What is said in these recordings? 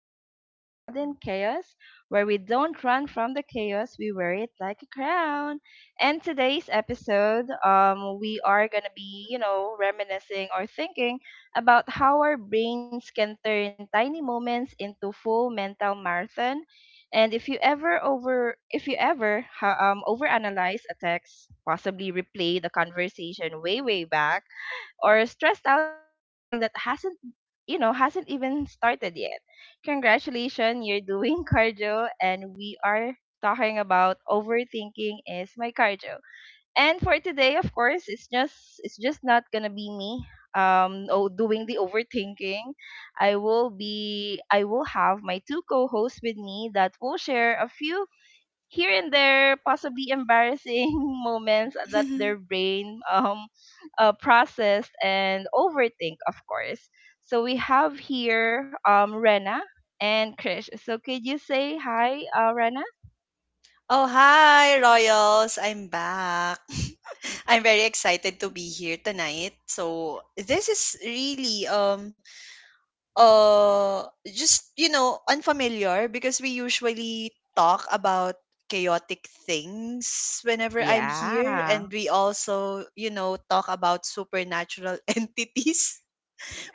To Crowned in Chaos, where we don't run from the chaos, we wear it like a crown. And today's episode, we are going to be, reminiscing or thinking about how our brains can turn tiny moments into full mental marathon. And if you ever overanalyze a text, possibly replay the conversation way back, or stressed out about something that hasn't you know hasn't even started yet, congratulations, you're doing cardio. And we are talking about overthinking is my cardio. And for today, of course, it's just not gonna be me oh, doing the overthinking. I will have my two co-hosts with me that will share a few here and there possibly embarrassing moments that their brain process and overthink, of course. So we have here, Rena and Krish. So could you say hi, Rena? Oh, hi, Royals. I'm back. I'm very excited to be here tonight. So, this is really you know, unfamiliar because we usually talk about chaotic things whenever I'm here, Yeah. and we also, you know, talk about supernatural entities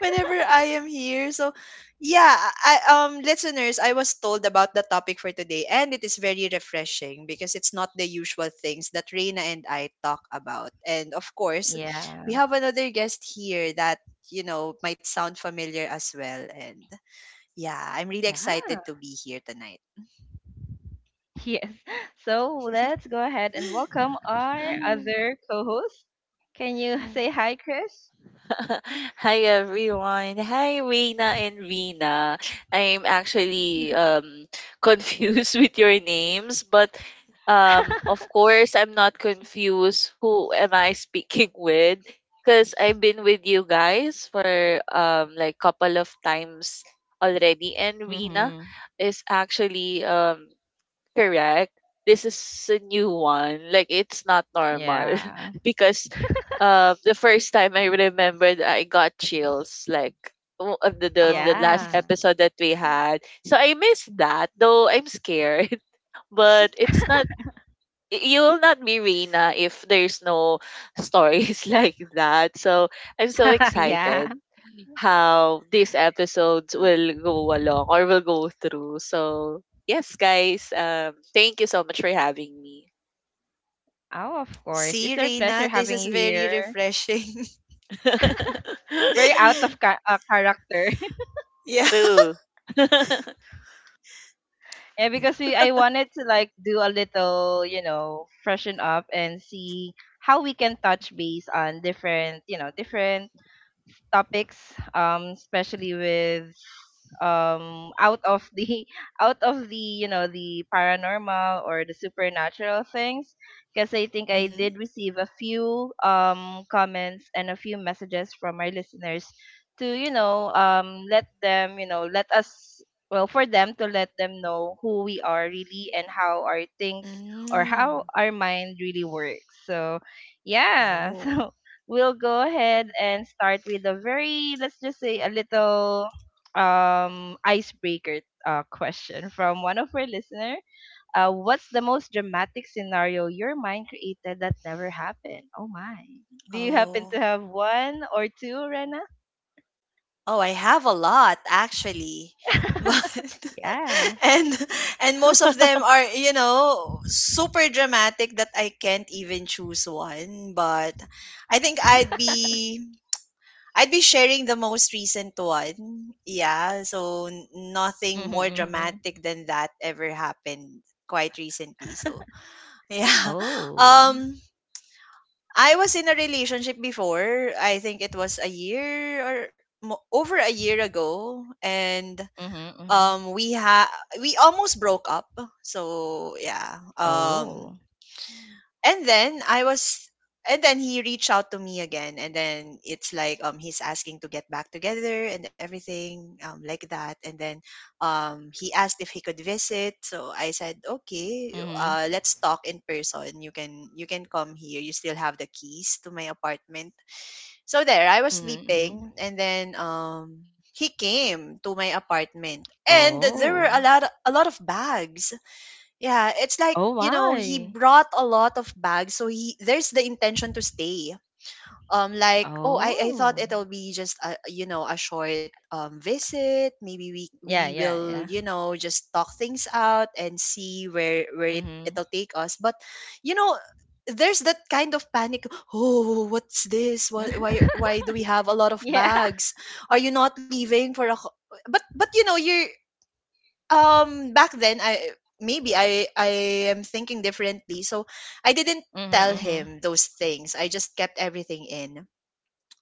whenever I am here. So yeah, I. Listeners, I was told about the topic for today and it is very refreshing because it's not the usual things that Reina and I talk about. And of course, we Yeah. have another guest here that, you know, might sound familiar as well. And yeah, I'm really Yeah. excited to be here tonight. Yes, so let's go ahead and welcome our other co-host. Can you say hi, Krish? Hi everyone. Hi Reina and Rina. I'm actually confused with your names, but of course I'm not confused who am I speaking with because I've been with you guys for like couple of times already. And Rina mm-hmm. is actually Correct. This is a new one. Like it's not normal Yeah. because the first time I remembered I got chills like the Oh, last Yeah. episode that we had. So I miss that though I'm scared. But it's not you will not be Reina if there's no stories like that. So I'm so Yeah. excited how these episodes will go along or will go through. So yes, guys, thank you so much for having me. Oh, of course. see, It's our pleasure Reina, this having is you very here. refreshing. Very character. Yeah. True. Yeah, because I wanted to like do a little, you know, freshen up and see how we can touch base on different, you know, different topics, especially with out of the out of the, you know, the paranormal or the supernatural things, because I think I Mm-hmm. did receive a few comments and a few messages from our listeners to, let them, let us, well, for them to let them know who we are really and how our things or how Mm. our mind really works. So yeah. Oh. So we'll go ahead and start with a very, let's just say, a little icebreaker, question from one of our listener. What's the most dramatic scenario your mind created that never happened? Oh my! Do you happen to Oh. have one or two, Rena? Oh, I have a lot actually. But Yeah. and and most of them are, you know, super dramatic that I can't even choose one, but I think I'd be sharing the most recent one. Yeah, so nothing Mm-hmm, more mm-hmm. dramatic than that ever happened quite recently. So, yeah. Oh. Um I was in a relationship before. I think it was a year or over a year ago, and Mm-hmm, mm-hmm. um we ha we almost broke up. So yeah, Oh. and then i was and then he reached out to me again, and then it's like he's asking to get back together and everything like that. And then he asked if he could visit, so I said, okay, Mm-hmm, let's talk in person. You can come here, you still have the keys to my apartment. So there, I was mm-hmm, mm-hmm. sleeping, and then he came to my apartment, and there were Oh. A lot of bags. Yeah, it's like, Oh, you know, he why? brought a lot of bags, so he there's the intention to stay. Like, oh, I thought Oh. it'll be just a, you know, a short visit. Maybe we Yeah, we yeah, will, yeah. you know, just talk things out and see where Mm-hmm. it'll take us. But you know, there's that kind of panic. Oh, what's this? Why do we have a lot of Yeah. bags? Are you not leaving for a but you know, you're back then. I maybe i i am thinking differently, so I didn't tell Mhm. Mhm. him those things. I just kept everything in.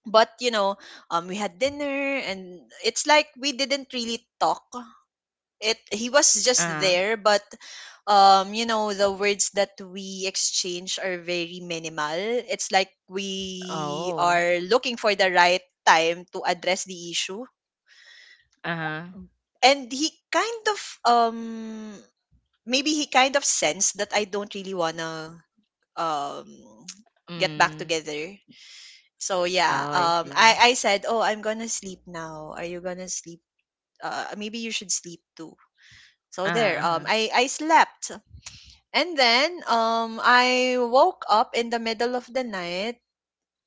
But you know, we had dinner, and it's like we didn't really talk. It He was Uh just huh. there, but you know, the words that we exchange are very minimal. It's like we Oh. are looking for the right time to address the issue. Uh huh. And he kind of um maybe he kind of sensed that I don't really wanna um get back Mm. together. So yeah, Oh, I see. I said, oh, I'm gonna sleep now. Are you gonna sleep? Maybe you should sleep too. So Uh there, huh. Uh huh. I slept. And then I woke up in the middle of the night.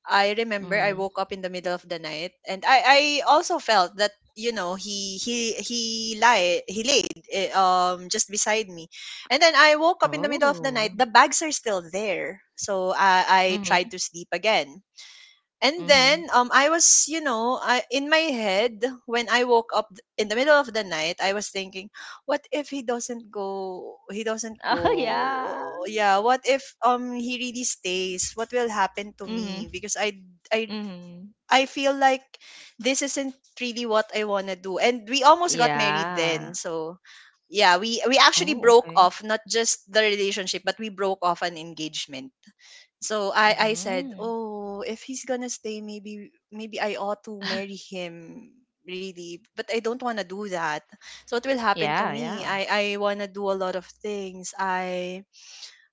I remember I Mm. woke up in the middle of the night, and I also felt that, you know, he laid just beside me. And then I woke up in the middle of the night. Oh. The bags are still there, so I tried Mhm. to sleep again. And then Mhm. I was, you know, I in my head when I woke up in the middle of the night, I was thinking, what if he doesn't go? He doesn't Oh go. yeah. Yeah, what if he really stays? What will happen to me? Mhm. Because I Mhm. I feel like this isn't really what I want to do. And we almost got married Yeah. then. So yeah, we actually Oh, broke okay. off not just the relationship, but we broke off an engagement. So I said, Mhm. "Oh, if he's gonna stay, maybe I ought to marry him." Really, but I don't want to do that. So what will happen to Yeah. me? Yeah. I want to do a lot of things. I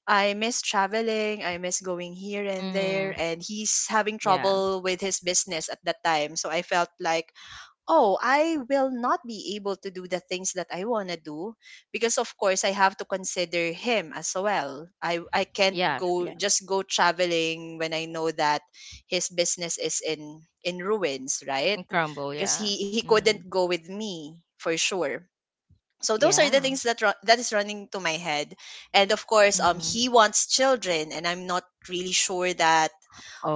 I miss traveling. I miss going here and Mhm. there. And he's having Yeah. trouble with his business at that time. So I felt like, oh, I will not be able to do the things that I want to do, because of course I have to consider him as well. I can't Yeah. go Yeah. just go traveling when I know that his business is in ruins, right? And crumble. Because Yeah. he couldn't Mhm. go with me for sure. So those are the Yeah. things that that is running to my head. And of course, Mhm. he wants children, and I'm not really sure that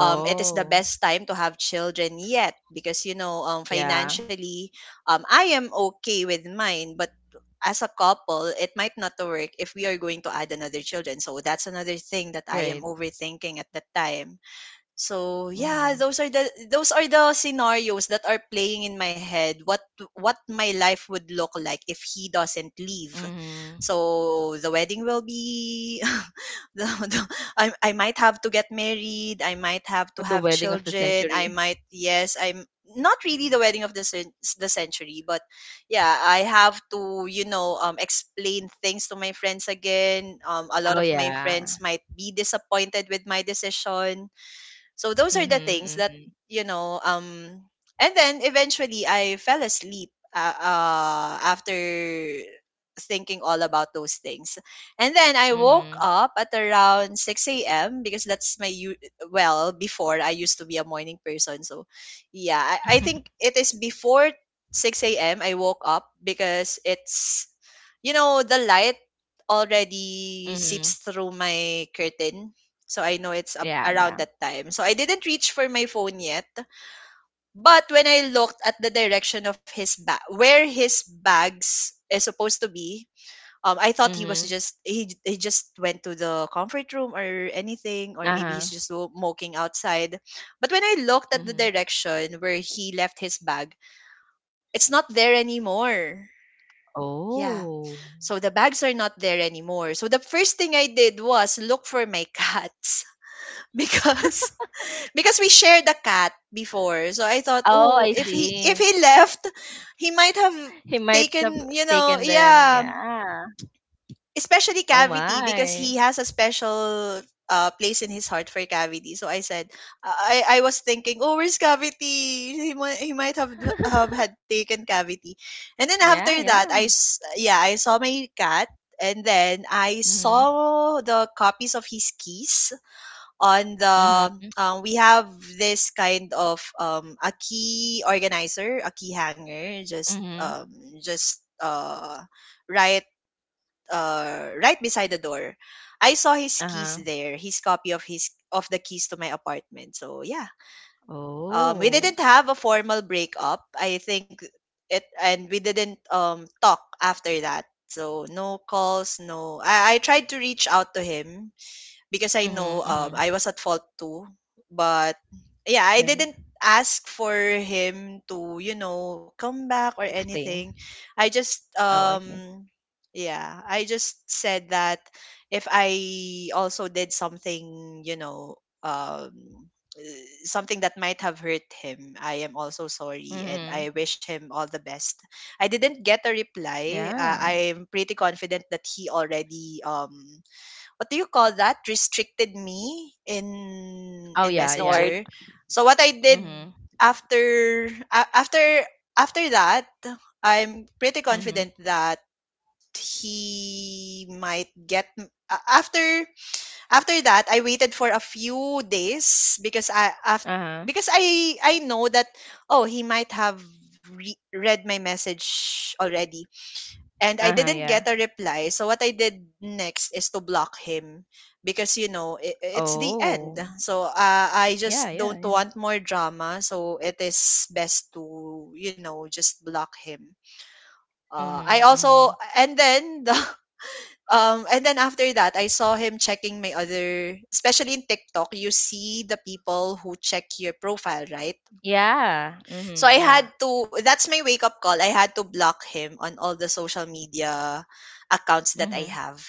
it is the best time to have children yet, because you know, Yeah. financially, I am okay with mine, but as a couple it might not work if we are going to add another children. So that's another thing that I am Right. overthinking at that time. So yeah, Mhm. Those are the scenarios that are playing in my head. What my life would look like if he doesn't leave. Mhm. So the wedding will be the, the, I I might have to get married, I might have to The have wedding of the children, I century. might, yes, I'm not really the wedding of the the century, but yeah, I have to, you know, explain things to my friends again. A lot Oh, of my yeah. friends might be disappointed with my decision. So those are the Mhm, things that, mhm, you know. And then eventually I fell asleep, after thinking all about those things. And then I woke mhm. up at around six a.m. because that's my well, before, I used to be a morning person. So yeah, I think it is before six a.m. I woke up, because it's, you know, the light already Mhm. seeps through my curtain, so I know it's Yeah, around yeah. that time. So I didn't reach for my phone yet. But when I looked at the direction of his bag, where his bags is supposed to be, I thought he was Mhm. just he just went to the comfort room or anything, or maybe Uh-huh. he's just moking outside. But when I looked at the Mhm. direction where he left his bag, it's not there anymore. Yeah. Oh. So the bags are not there anymore. So the first thing I did was look for my cats because we shared a cat before. So I thought, Oh, oh, I if see. he left, he might have He might have taken, you know. taken them. Yeah, Yeah. especially Oh, Cavity, because my. he has a special place in his heart for Cavity. So I said I was thinking, oh, where's Cavity? He might have had taken Cavity. And then after Yeah, that yeah. Yeah, I saw my cat. And then I Mhm. saw the copies of his keys on the Mhm. We have this kind of a key organizer, a key hanger, just Mhm. Just uh, right right beside the door. I saw his keys Uh-huh. there, his copy of his of the keys to my apartment. So yeah, we Oh. didn't have a formal breakup, I think it and we didn't talk after that. So no calls, no. I tried to reach out to him because I Mhm, know, mhm. I was at fault too. But yeah, I Okay. didn't ask for him to, you know, come back or anything. Explain. I just Oh, okay. Yeah, I just said that if I also did something, you know, um something that might have hurt him, I am also sorry and Mhm. I wish him all the best. I didn't get a reply. Yeah. I'm pretty confident that he already what do you call that, restricted me in Oh, yeah, yeah. Ignored. messenger. So what I did Mhm. after after that, I'm pretty Mhm. confident that he might get m- a- after after that I waited for a few days, because I after Uh-huh. because I know that, oh, he might have read my message already, and I Uh-huh, didn't yeah. get a reply. So what I did next is to block him, because you know, I it's the end. Oh. So I Yeah, just yeah, don't yeah. want more drama. So it is best to, you know, just block him. I Mhm, also, mhm. and then the and then after that I saw him checking my other, especially in TikTok. You see the people who check your profile, right? Yeah. So Mhm, I had yeah. to, that's my wake up call. I had to block him on all the social media accounts that I Mhm. have,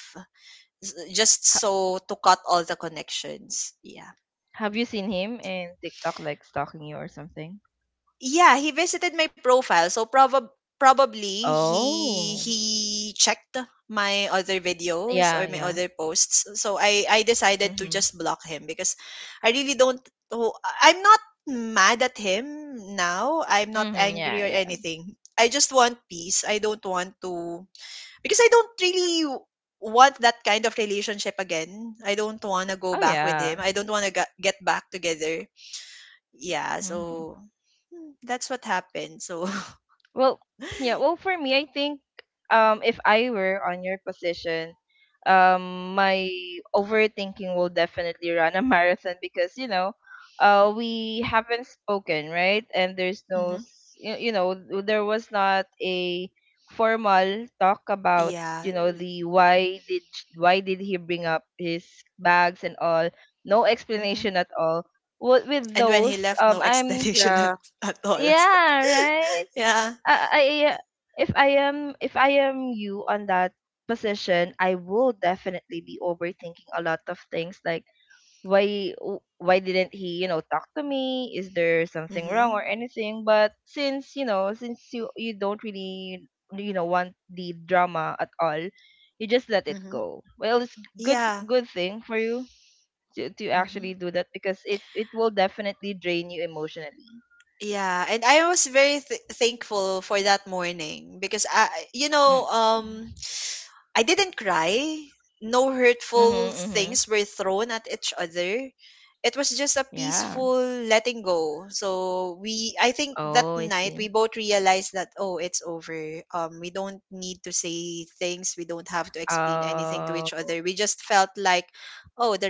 just Ha, so to cut all the connections. Yeah. have you seen him in TikTok like stalking you or something? Yeah, he visited my profile. So probably he Oh. he checked my other videos Yeah, or my yeah. other posts. So I decided to Mhm. just block him, because I really don't, oh, I'm not mad at him now. I'm not Mhm, angry yeah, or yeah. anything. I just want peace. I don't want to, because I don't really want that kind of relationship again. I don't want to go Oh back with yeah. him. I don't want to get back together. Yeah, Mhm. so that's what happened. So, Well, yeah, well for me I think if I were on your position, my overthinking will definitely run a marathon, because, you know, we haven't spoken, right? And there's no hmm, s- you know, there was not a formal talk about, yeah. you know, the why did he bring up his bags and all? No Hmm. explanation at all. Wh- with And when he those left, no I'm explanation Yeah. at all. Yeah right. Yeah. I If I am you on that position, I will definitely be overthinking a lot of things, like why why didn't he, you know, talk to me? Is there something wrong Hmm. or anything? But since, you know, since you don't really, you know, want the drama at all, you just let it Hmm. go. Well, it's Yeah. good thing for you to Hmm. actually do that, because it will definitely drain you emotionally. Yeah. And I was very thankful for that morning because I, Mm. I didn't cry. No hurtful Mhm. Mhm. things were thrown at each other. It was just a Yeah. peaceful letting go. So we I think that Oh, I night see. we both realized that oh, it's over. We don't need to say things. We don't have to explain anything to each Oh, other. We just felt like oh, the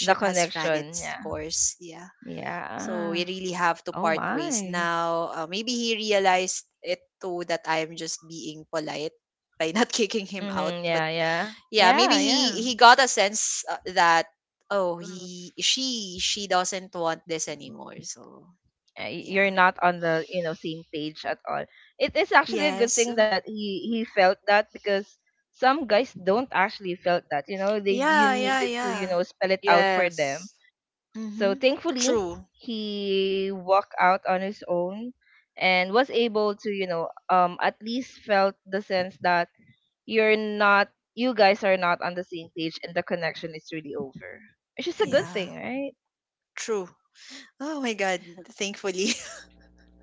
the has run connection, its yeah. course. Yeah. So Yeah. we really have to Oh part ways my. now. Maybe he realized it too, that I'm just being polite by not kicking him out, Mm-hmm, but yeah, yeah. yeah, maybe Yeah, yeah. he got a sense that oh, Mm. he she doesn't want this anymore, so yeah. You're not on the, you know, same page at all. It is actually a good Yes. thing that he felt that, because some guys don't actually felt that, you know, they you needed to, you Yeah. know, spell it out for them. Yes. So Mm-hmm. thankfully, True. he walked out on his own and was able to, you know, um, at least felt the sense that you're not, you guys are not on the same page, and the connection is really over, which is a good Yeah. thing, right? True. Oh my god. Thankfully.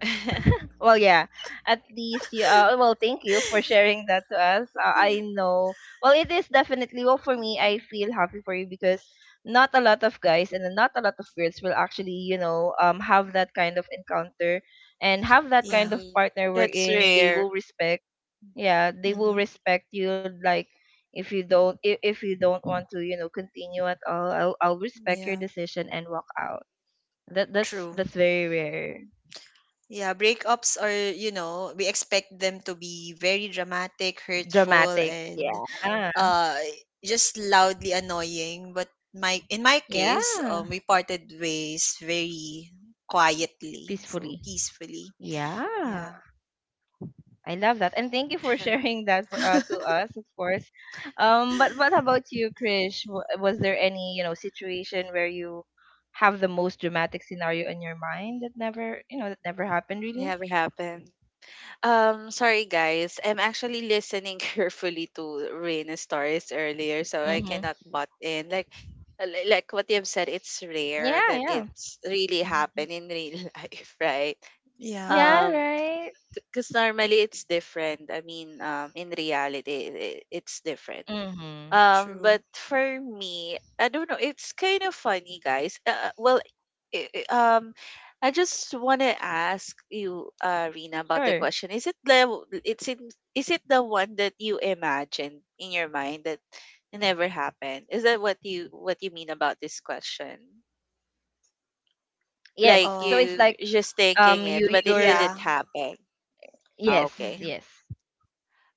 Mhm. Well, yeah, at least you, well, thank you for sharing that to us. Yeah. I know, well, it is definitely, well, for me, I feel happy for you, because not a lot of guys and not a lot of girls will actually, you know, have that kind of encounter and have that kind Yeah. of Hmm. partner That's wherein they will rare. respect, yeah, they Mm-hmm. will Mhm. respect you. Like, if you don't want to, you know, continue at all, I'll respect your Yeah. decision and walk out. That's True. that's very rare. Yeah, breakups are, you know, we expect them to be very dramatic, hurtful, Dramatic, and yeah. uh just loudly annoying. But my in my case, Yeah. We parted ways very quietly, so Peacefully. peacefully. Yeah. Yeah. I love that, and thank you for sharing that for, to us, of course. But what about you, Krish? Was there any, you know, situation where you have the most dramatic scenario in your mind that never, you know, that never happened really? Never happens. Sorry guys, I'm actually listening carefully to Raina's stories earlier, so I Mm-hmm. cannot butt in. Like, like what you've said, it's rare Yeah, that yeah. it's really Mhm. happened in real life, right? Yeah. Yeah, Um, right. because normally it's different. I mean, in reality, I it's different. Mm-hmm. True. But for me, I don't know. It's kind of funny, guys. Well, i- i- um, I just want to ask you, Rina, about the Sure. question. It's in, is it the one that you imagined in your mind that never happened? Is that what you mean about this question? Yes. Like So uh it's you like just thinking um it, you but it you're yeah. didn't happen. Ah, yes, okay. yes. Mhm.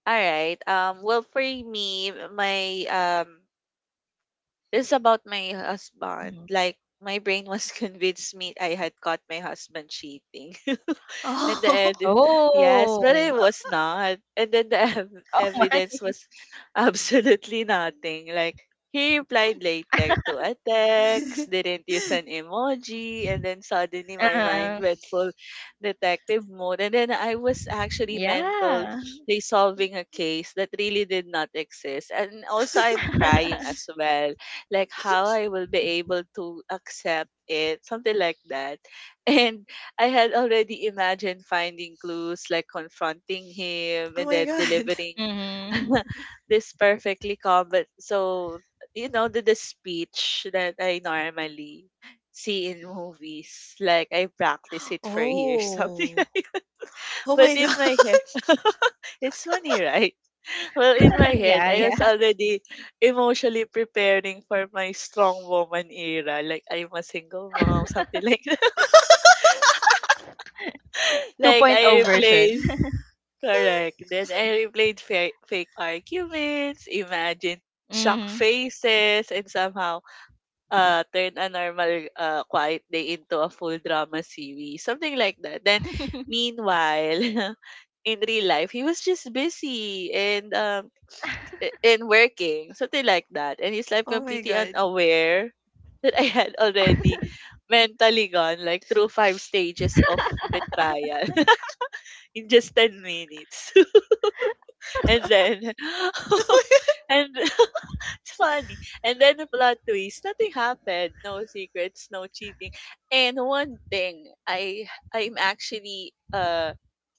All right. Um, well, for me, my um it's about my husband. Hmm. Like my brain was convinced me I had caught my husband cheating. and the Oh. ed- yes, but Oh. it was not. And then the Oh my. evidence was absolutely nothing. Like he replied later to a text, didn't use an emoji, and then suddenly my mind Uh-huh. went full detective mode. And then I was actually mentally Yeah. solving a case that really did not exist. And also I'm crying as well, like how I will be able to accept it, something like that. And I had already imagined finding clues, like confronting Oh him and my then god. delivering Mm-hmm. this perfectly calm, but so you know the speech that I normally see in movies, like I practice it for years, something Oh. like that. Oh But my in god. my head, it's funny, right? Well, in my head, Yeah, I was yeah. already emotionally preparing for my strong woman era. Like, I'm a single mom, something like that. Like, 2.0 I version. replayed, correct. Then I replayed fake arguments, imagine shock Mm-hmm. faces, and somehow turn a normal quiet day into a full drama series. Something like that. Then, meanwhile, in real life, he was just busy and and working, something like that. And he's like Oh my completely god. unaware that I had already mentally gone like through five stages of betrayal in just ten minutes. And then and it's funny. And then the plot twist, nothing happened. No secrets, no cheating. And one thing, I'm actually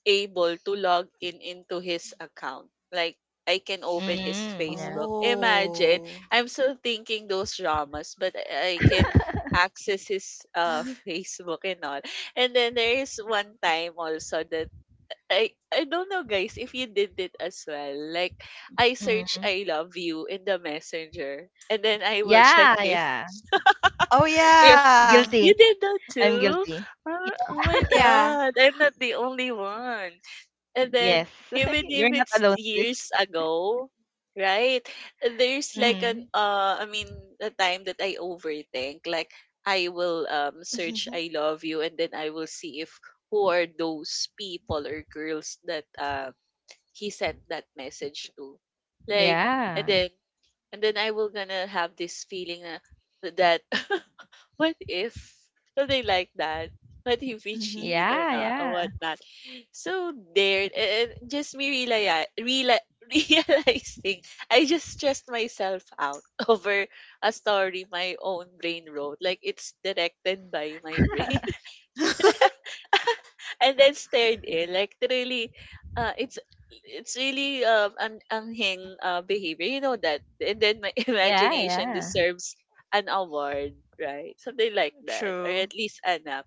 able to log in into his account. Like I can open his Mm-hmm. Yeah. Facebook. Imagine, Oh. I'm still thinking those dramas, but I can access his Facebook and all. And then there is one time also that I don't know guys if you did it as well. Like I search Mm-hmm. I love you in the messenger and then I will check Yeah, yeah. Oh if yeah. you Guilty. did that I'm too. guilty. Oh, oh my Yeah. god, I'm not the only one. And then Yes. even You're if not it's alone, sis. years ago, right? There's like an Mm-hmm. I mean a time that I overthink. Like I will search I love you and then I will see if who are those people or girls that he sent that message to. Like, and Yeah. then, and then I will gonna have this feeling na, that, what if something like that? What if we Mhm. cheat or Yeah. not or Yeah. whatnot? So there, and just me realizing I just stressed myself out over a story my own brain wrote. Like it's directed by my brain and then stared in. Like really, uh, it's it's really an anhing behavior. You know that. And then my Yeah. imagination Yeah. deserves an award, right? Something like Mhm. that, or True. at least an app.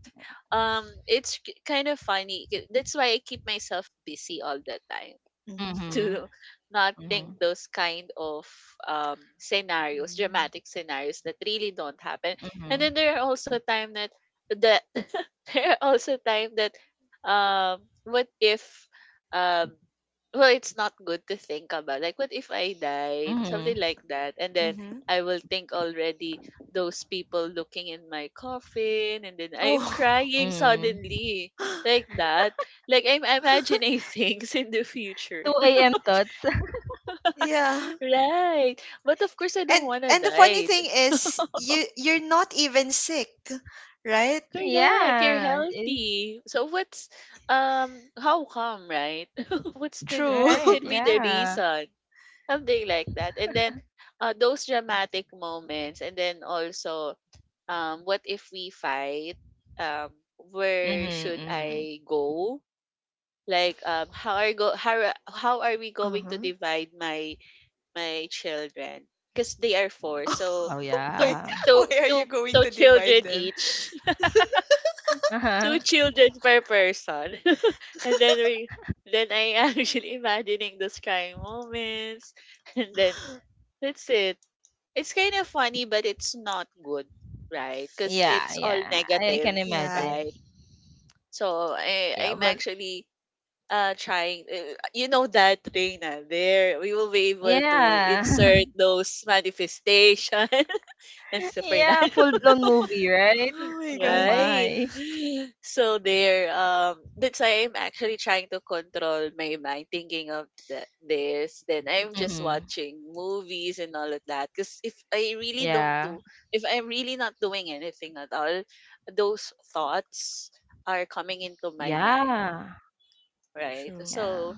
It's kind of funny. That's why I keep myself busy all the time. Mhm. Mhm, to not mhm, think those kind of scenarios, Mm. dramatic scenarios that really don't happen. And mhm, then there are also time that that there are also time that what if um well it's not good to think about like what if I died something mhm, like that. And then Mhm. I will think already those people looking in my coffin and then I'm Oh. crying mm. suddenly like that, like I'm imagining things in the future. Two AM thoughts. Yeah. Right. But of course I don't And wanna the funny die. thing is you're not even sick, right? Correct. You're Yeah, eh, healthy. So what's how come, right? What True. right, could be the yeah. reason? Something like that. And then those dramatic moments and then also what if we fight? Um where Mhm, should mhm. I go? Like how are go how are we going to Uh-huh. divide my children because they are four. So Oh, Why two yeah. why two are you two going two to divide children them? each, two Uh-huh. children per person, and then we then I am actually imagining those crying moments, and then that's it. It's kind of funny, but it's not good, right? Because Yeah, it's all yeah, I can negative, Yeah. imagine. right? So I Yeah, I'm but actually trying you know that Reina there we will be able to yeah. insert those manifestations I'm super not Yeah, full-blown movie, right? Oh my Oh god. right. my. So there, that's why I'm actually trying to control my mind, thinking of that this. Then I'm just Mhm. watching movies and all of that. Because Yeah. If I'm really not doing anything at all, those thoughts are coming into my mind, Yeah, right? True. yeah. So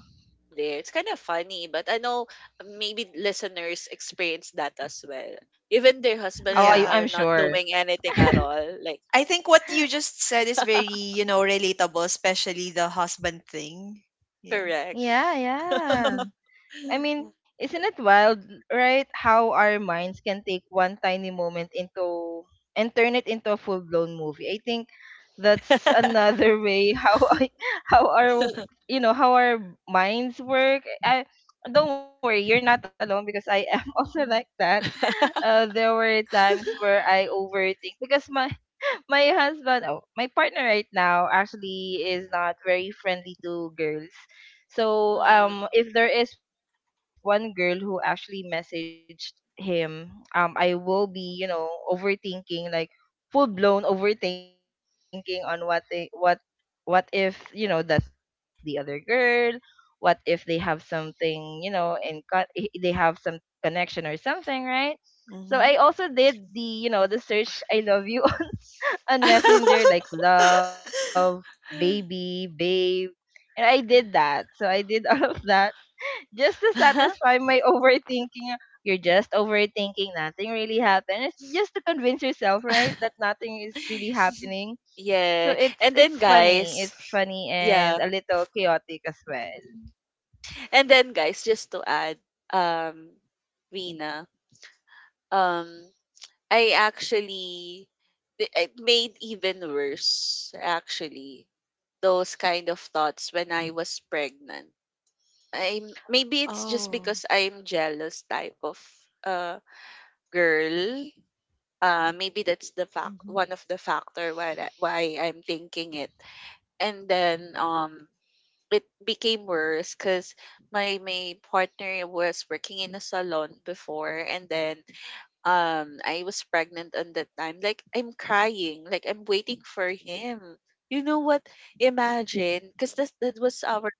there, it's kind of funny, but I know maybe listeners experience that as well even their husband Oh, I Yeah. are I'm not sure. doing anything at all, like I think what you just said is very, you know, relatable, especially the husband thing. Yeah. correct. Yeah, yeah. I mean, isn't it wild, right, how our minds can take one tiny moment into and turn it into a full blown movie? I think that's another way how our, you know, how our minds work. I don't worry, you're not alone, because I am also Mm. like that. There were times where I overthink because my my partner right now actually is not very friendly to girls. So, Mm. If there is one girl who actually messaged him, I will be, you know, overthinking, like full blown overthinking on what if, you know, that's the other girl. What if they have something, you know, they have some connection or something, right? So I Mhm. also did the, you know, the search I love you on Messenger, like love, baby, babe. And I did that. So I did all of that just to satisfy my overthinking. You're just overthinking, nothing really happened. It's just to convince yourself that nothing is really happening. So Yeah. it's it's funny. It's funny and yeah. a little chaotic as well. And then guys, just to Yeah, add, so um, Rina, mhm, go. um, I actually it made even worse actually those kind of thoughts when I was pregnant. I'm maybe it's just Oh. because I'm jealous type of uh girl, maybe that's the fact Mm-hmm. one of the factor why I'm thinking it. And then it became worse because my partner was working in a salon before and then I was pregnant on that time. Like I'm crying, like I'm waiting for him. You know what? Imagine, because that was our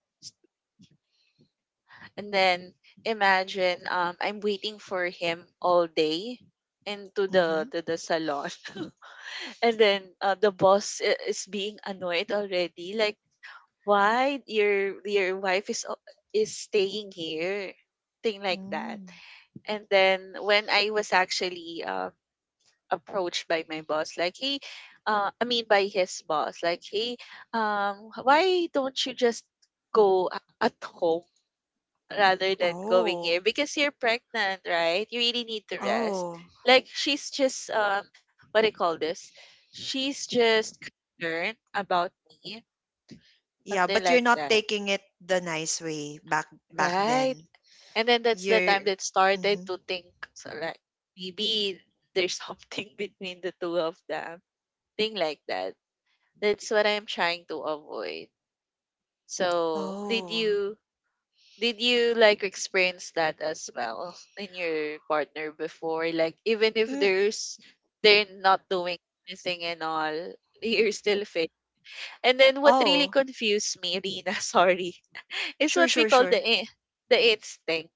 and then imagine I'm waiting for him all day into Mhm. The salon. And then the boss is being annoyed already. Like, why your wife is is staying here, thing like that. Mm. And then when I was actually approached by my boss, like, hey, I mean by his boss, like, hey, why don't you just at home rather than going here Oh. because you're pregnant, right? You really need to rest. Oh. Like she's just what do you call this? She's just concerned about me, Yeah, something but you're like not that, taking it the nice way back right? then. And then that's the You're. time that started Mhm. to think so like maybe there's something between the two of them, thing like that. That's what I'm trying to avoid. So did Oh. you Did you like experience that as well in your partner before? Like even if Mm. there's they're not doing anything and all, you're still fit. And then what really Oh. confused me, Rina, sorry, is Sure. what we Sure. call Sure. The instinct,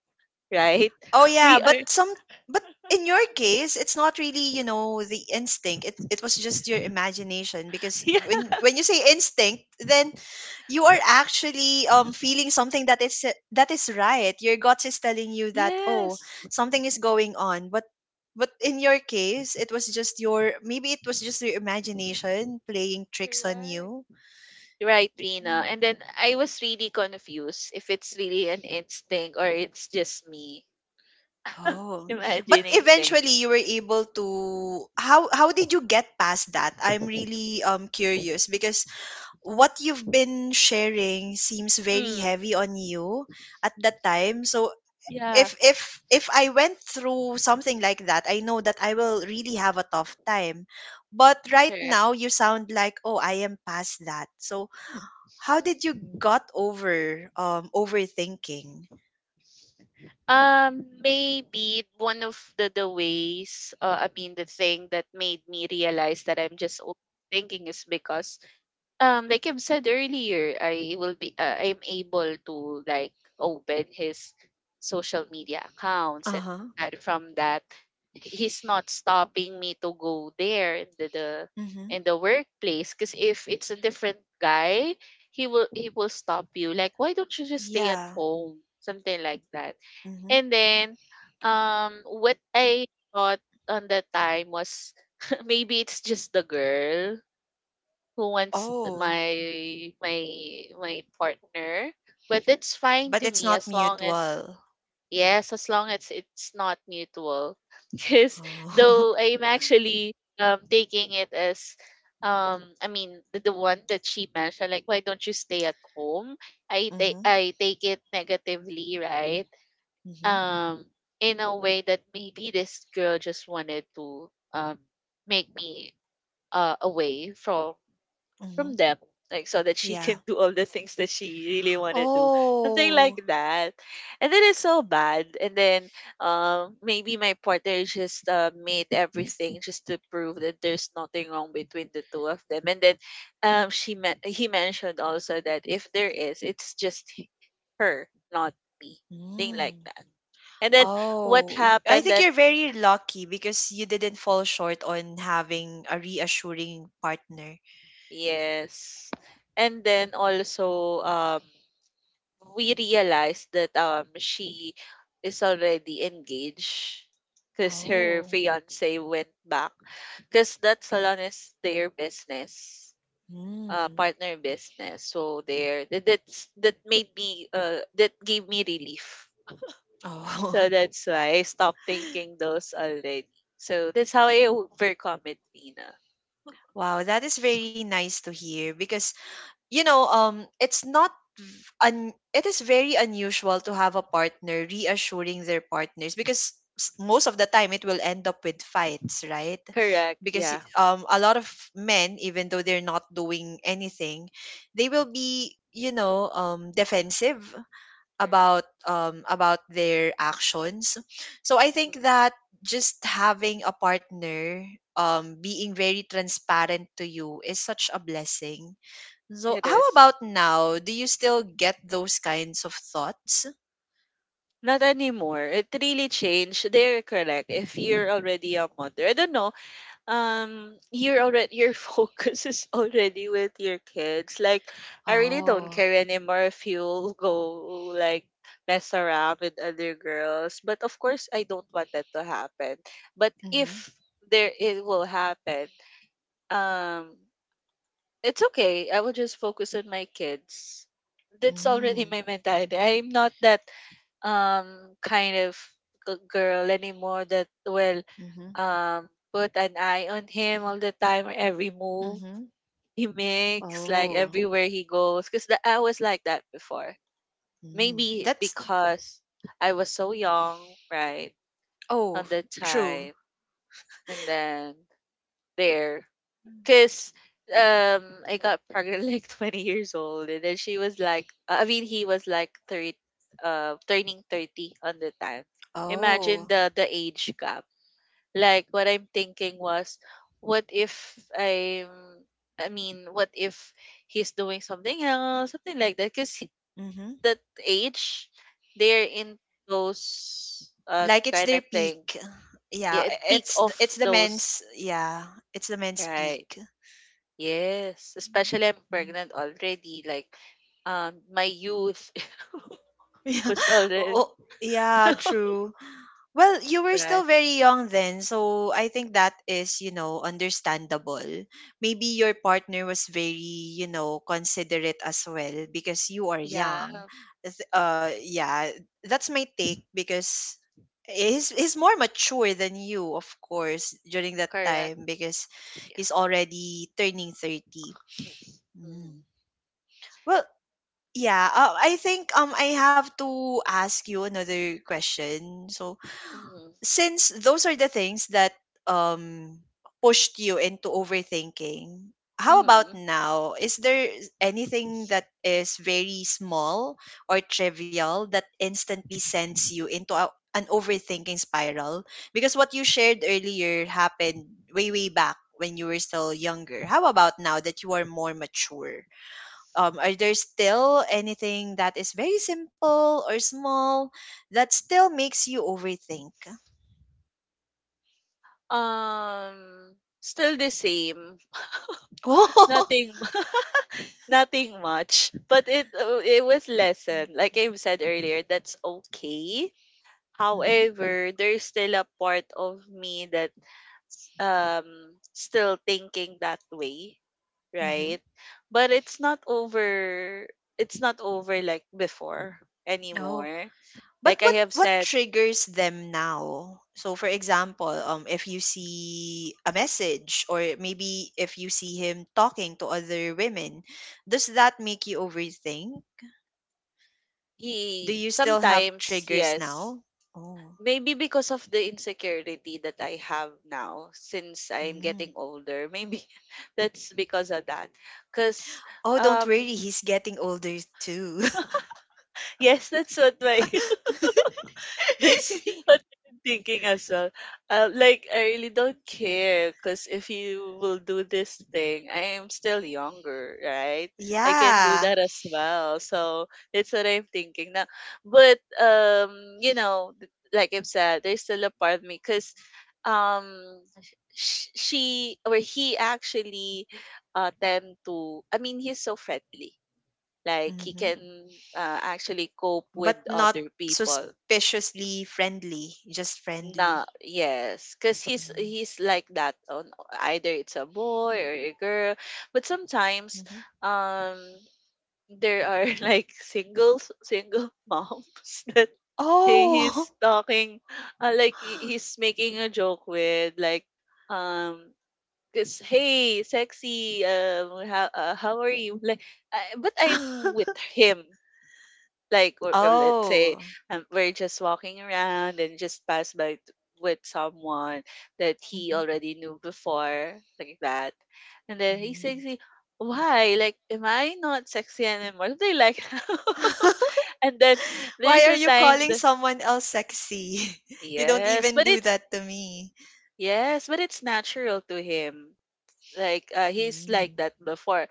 right? Oh yeah, We are but some, but in your case, it's not really, you know, the instinct. It was just your imagination, because yeah, when you say instinct, then you are actually feeling something that is right. Your gut is telling you that oh, yes, something is going on. But in your case, it was just your maybe it was just your imagination playing tricks on correct. you. Right, Rina. Yeah. And then I was really confused if it's really an instinct or it's just me Oh, but imagining things. eventually you were able to how did you get past that? I'm really curious, because what you've been sharing seems very Mm, heavy on you at that time. So yeah. if I went through something like that, I know that I will really have a tough time. But right Correct. now you sound like, "Oh, I am past that." So how did you got over overthinking? Maybe one of the ways, I mean, the thing that made me realize that I'm just overthinking is because, like I've said earlier, I'm able to like open his social media accounts, and Uh-huh. aside from that, he's not stopping me to go there in the Mhm. in the workplace. Because if it's a different guy, he will stop you. Like, why don't you just stay at Yeah. home? Something like that. Mhm. And then, what I thought on that time was maybe it's just the girl who wants Oh. my my partner, but it's fine But to it's me not as long as mutual. yes, as long as it's not mutual. Because Oh. though I'm actually taking it as I mean the one that she mentioned, like why don't you stay at home? Mhm. I take it negatively, right? Mhm. um in a way that maybe this girl just wanted to make me away from Mhm. them, like so that she Yeah. can do all the things that she really want to do, something like Oh. that. And then it's so bad. And then maybe my partner just made everything just to prove that there's nothing wrong between the two of them. And then he mentioned also that if there is, it's just her, not me. Thing Mm. like that. And then what I happened think that you're very lucky because you didn't fall short on having a reassuring partner. yes. And then also we realized that she is already engaged because her Oh. fiance went back, because that salon is their business, Mm. partner business. So that made me that gave me relief. So Oh. that's why I stopped thinking those already. So that's how I overcome it, Nina. Wow, that is very nice to hear, because you know, it's not it is very unusual to have a partner reassuring their partners, because most of the time it will end up with fights, right? Correct. Because Yeah. A lot of men, even though they're not doing anything, they will be, you know, defensive Correct. About their actions. So I think Mm. that just having a partner being very transparent to you is such a blessing. So, It how is. about now? Do you still get those kinds of thoughts? Not anymore. It really changed. They're correct. If you're already a mother, I don't know. You're already your focus is already with your kids, like I really don't Oh. care anymore if you go like mess around with other girls, but of course I don't want that to happen. But Mhm. if there it will happen, um it's okay, I will just focus on my kids. That's already Mm. my mentality. I'm not that kind of girl anymore that will Mhm. Put an eye on him all the time or every move Mhm. he makes, like Oh. everywhere he goes, because I was like that before. Mm. Maybe That's because I was so young, right, on oh, the true. time. And then there cause I got pregnant like 20 years old, and then she was like I mean he was like 30, turning 30 on the time. Imagine Oh. The age gap. Like what I'm thinking was, what if I'm I mean what if he's doing something else, something like that. Cuz Mhm. that age, they're in those Like it's kind their of thing. peak. Yeah, Yeah, peak of it's the those, men's yeah, it's the men's right. peak. Yes, especially I'm Mm. pregnant already. Like, my youth Yeah. was already Oh, yeah, true. Well, you were still right. very young then, so I think that is, you know, understandable. Maybe your partner was very, you know, considerate as well because you are Yeah, young. Yeah, that's my take, because he's more mature than you, of course, during that correct. time because Yeah. he's already turning 30. Mm. Mm. Well, yeah, I think I have to ask you another question. So, Mm-hmm. since those are the things that um pushed you into overthinking, how about Mm-hmm. now? Is there anything that is very small or trivial that instantly sends you into a, an overthinking spiral? Because what you shared earlier happened way, way back when you were still younger. How about now that you are more mature? Are there still anything that is very simple or small that still makes you overthink? Um, still the same. Oh. Nothing, nothing much. But it was lesson. Like I've said earlier, that's okay. Mhm, However, there's still a part of me that still thinking that way, mhm. right, but it's not over, it's not over like before Oh, anymore. but Like what I have what said, triggers them now? So for example, if you see a message, or maybe if you see him talking to other women, does that make you overthink? Do he you still have sometimes triggers yes. now? Oh. Maybe because of the insecurity that I have now, since I'm Mm. getting older maybe, that's because of that, because Oh, don't um worry, he's getting older too. yes, that's what my that's what I'm thinking as well. Like, I really don't care, because if you will do this thing, I am still younger, right? I can do Yeah. that as well. So that's what I'm thinking now. But, you know, like I've said, there's still a part of me, because um, she or he actually tend to, I mean, he's so friendly. Like, he Hmm. can actually cope with But not other people. suspiciously friendly, just friendly. No, yes, because Mm-hmm. he's like that on, either it's a boy or a girl. But sometimes um there are like single moms that Oh. he's talking, he's making a joke with, like um because, hey sexy, how are you, like but I'm with him. Like, or let's say Oh. We're just walking around and just pass by with someone that he Mhm, already knew before, like that. And then he says, mhm. he, why, like am I not sexy anymore? Do they like and then Why there's are a you time calling that someone else sexy? You don't yes even but do it's that to me. yes but it's natural to him. Like, he's like Mm. that before.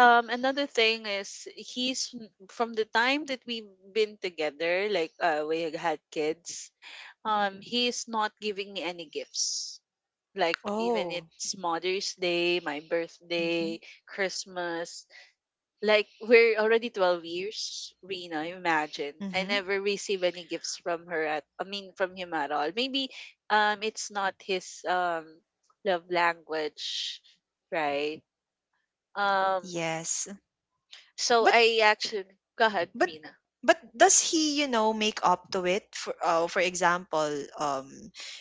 Another thing is, he's, from the time that we've been together, like we had kids. He's not giving me any gifts. Like even Oh. it's Mother's Day, my Hmm. birthday, Christmas. Like we're already 12 years, Rena. Imagine Hmm. I never receive any gifts from her at. I mean, from him at all. Maybe it's not his love language, right? Um, Yes. so But, I actually go ahead, but Rina. but does he you know make up to it for example um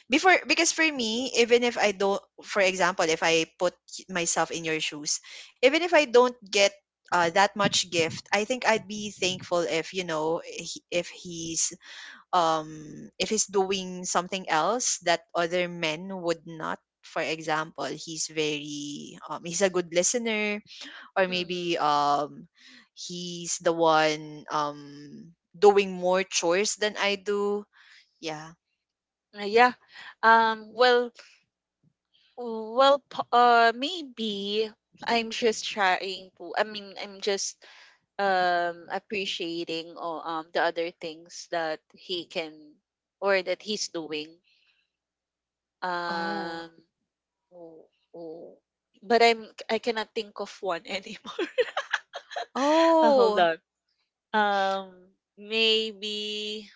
before? Because for me, even if I don't, for example, if I put myself in your shoes, even if I don't get that much gift, I think I'd be thankful if you know if he's doing something else that other men would not, for example, he's very he's a good listener, or Mm-hmm. maybe he's the one doing more chores than I do. Yeah. Yeah. Um, well, well, maybe I'm just trying to. I mean, I'm just appreciating or the other things that he can or that he's doing. Um, Oh. w- w- but I cannot think of one anymore. Hold Oh. on. Um, maybe.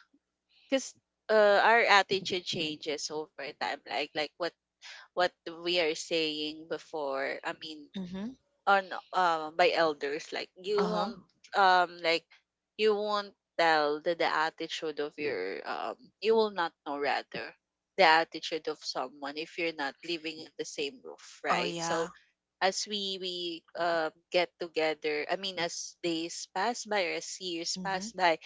Because our attitude changes over time, like what we are saying before, I mean, Mhm. on by elders, like you Uh-huh. won't um like you won't tell the attitude of your you will not know, rather, the attitude of someone if you're not living in the same roof, Oh right? So yeah. as we get together, I mean, as days pass by or as years pass Mhm. by,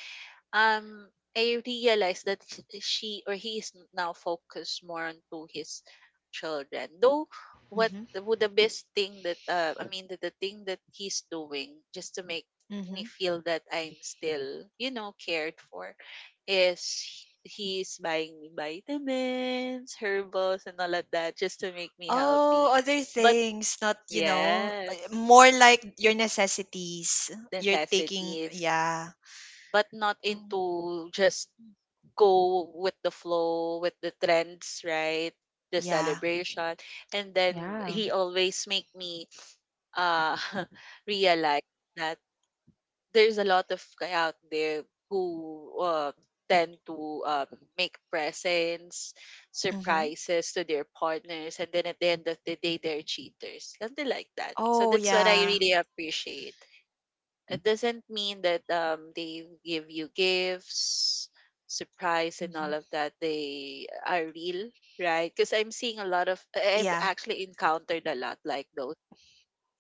um I realized that she or he is now focused more onto his children. Though Mhm. The best thing that the thing that he's doing just to make me Mhm. feel that I'm still, you know, cared for, is he's buying me vitamins, herbals, and all of that just to make me Oh, healthy. other But things, not, you know, yes, more like your necessities. You're taking necessities, yeah. but not Um, into just go with the flow, with the trends, right? The Yeah. celebration. And then Yeah. he always make me uh realize that there's a lot of guy out there who tend to make presents, Mhm. surprises to their partners, and then at the end of the day, they're cheaters, something like that. So Oh that's what I yeah. really appreciate. It doesn't mean that they give you gifts, surprise, and all of Mhm. that, they are real, right? Because I'm seeing a lot of, Yeah. I've actually encountered a lot like those,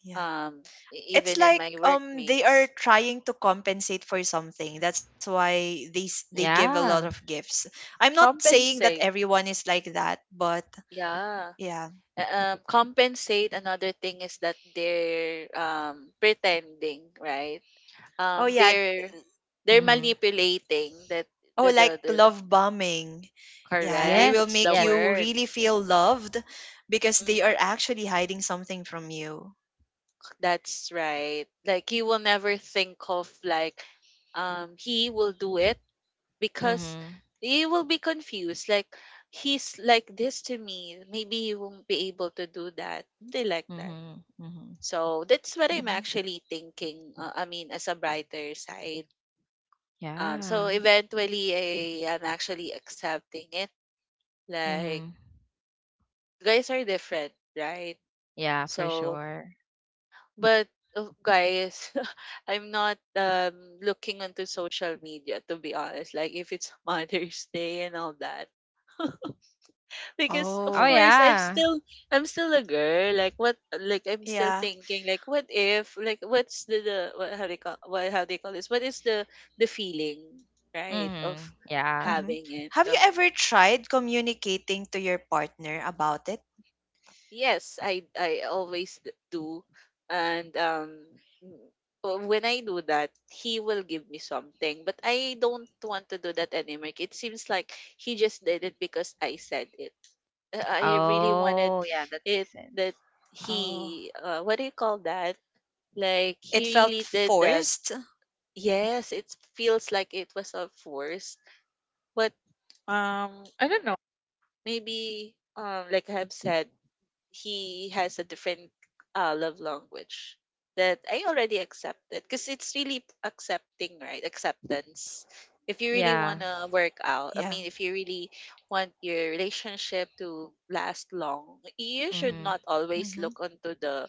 Yeah. um, e- It's even in like my they are workmates. trying to compensate for something, that's why they give a lot of Yeah. gifts. I'm not saying that Compensate, everyone is like that, but yeah. yeah. Compensate. Another thing is that they're pretending, right? Oh Um, yeah. they're they're Mm-hmm. manipulating that, Oh, the the like the love bombing. Yeah, they correct. will That's Yes. the make Yes. you word. really feel loved because they are Mhm. actually hiding something from you. That's right. Like you will never think of like he will do it, because Mm-hmm. you will be confused. Like he's like this to me, maybe he won't be able to do that. They like that. Mm-hmm. Mm-hmm. So that's what I'm Mhm. actually thinking. I mean, as a brighter side. So Yeah. eventually, I am actually accepting it. Like Mm-hmm. guys are different, right? Yeah, for So. sure. But guys, I'm not looking onto social media, to be honest. Like if it's Mother's Day and all that. Because of Oh course Oh I'm yeah. still, I'm still a girl. Like what like I'm still yeah. thinking like, what if, like what's the what how they call what how they call this? What is the feeling, right, of Mm-hmm. Yeah. Hmm. having it? Have you ever tried communicating to your partner about it? Yes, I always do. And n- when I do that, he will give me something. But I don't want to do that anymore. It seems like he just did it because I said it. I really wanted Oh yeah, that it, makes that sense. he, Oh, what do you call that? Like he it really felt did that. forced. Yes, it feels like it was a force. But I don't know. Maybe, like I have said, he has a different love language that I already accepted, because it's really accepting, right? Acceptance. If you really want Yeah. to work out, I mean, Yeah. if you really want your relationship to last long, you should Mm-hmm. not always look Mm-hmm. onto the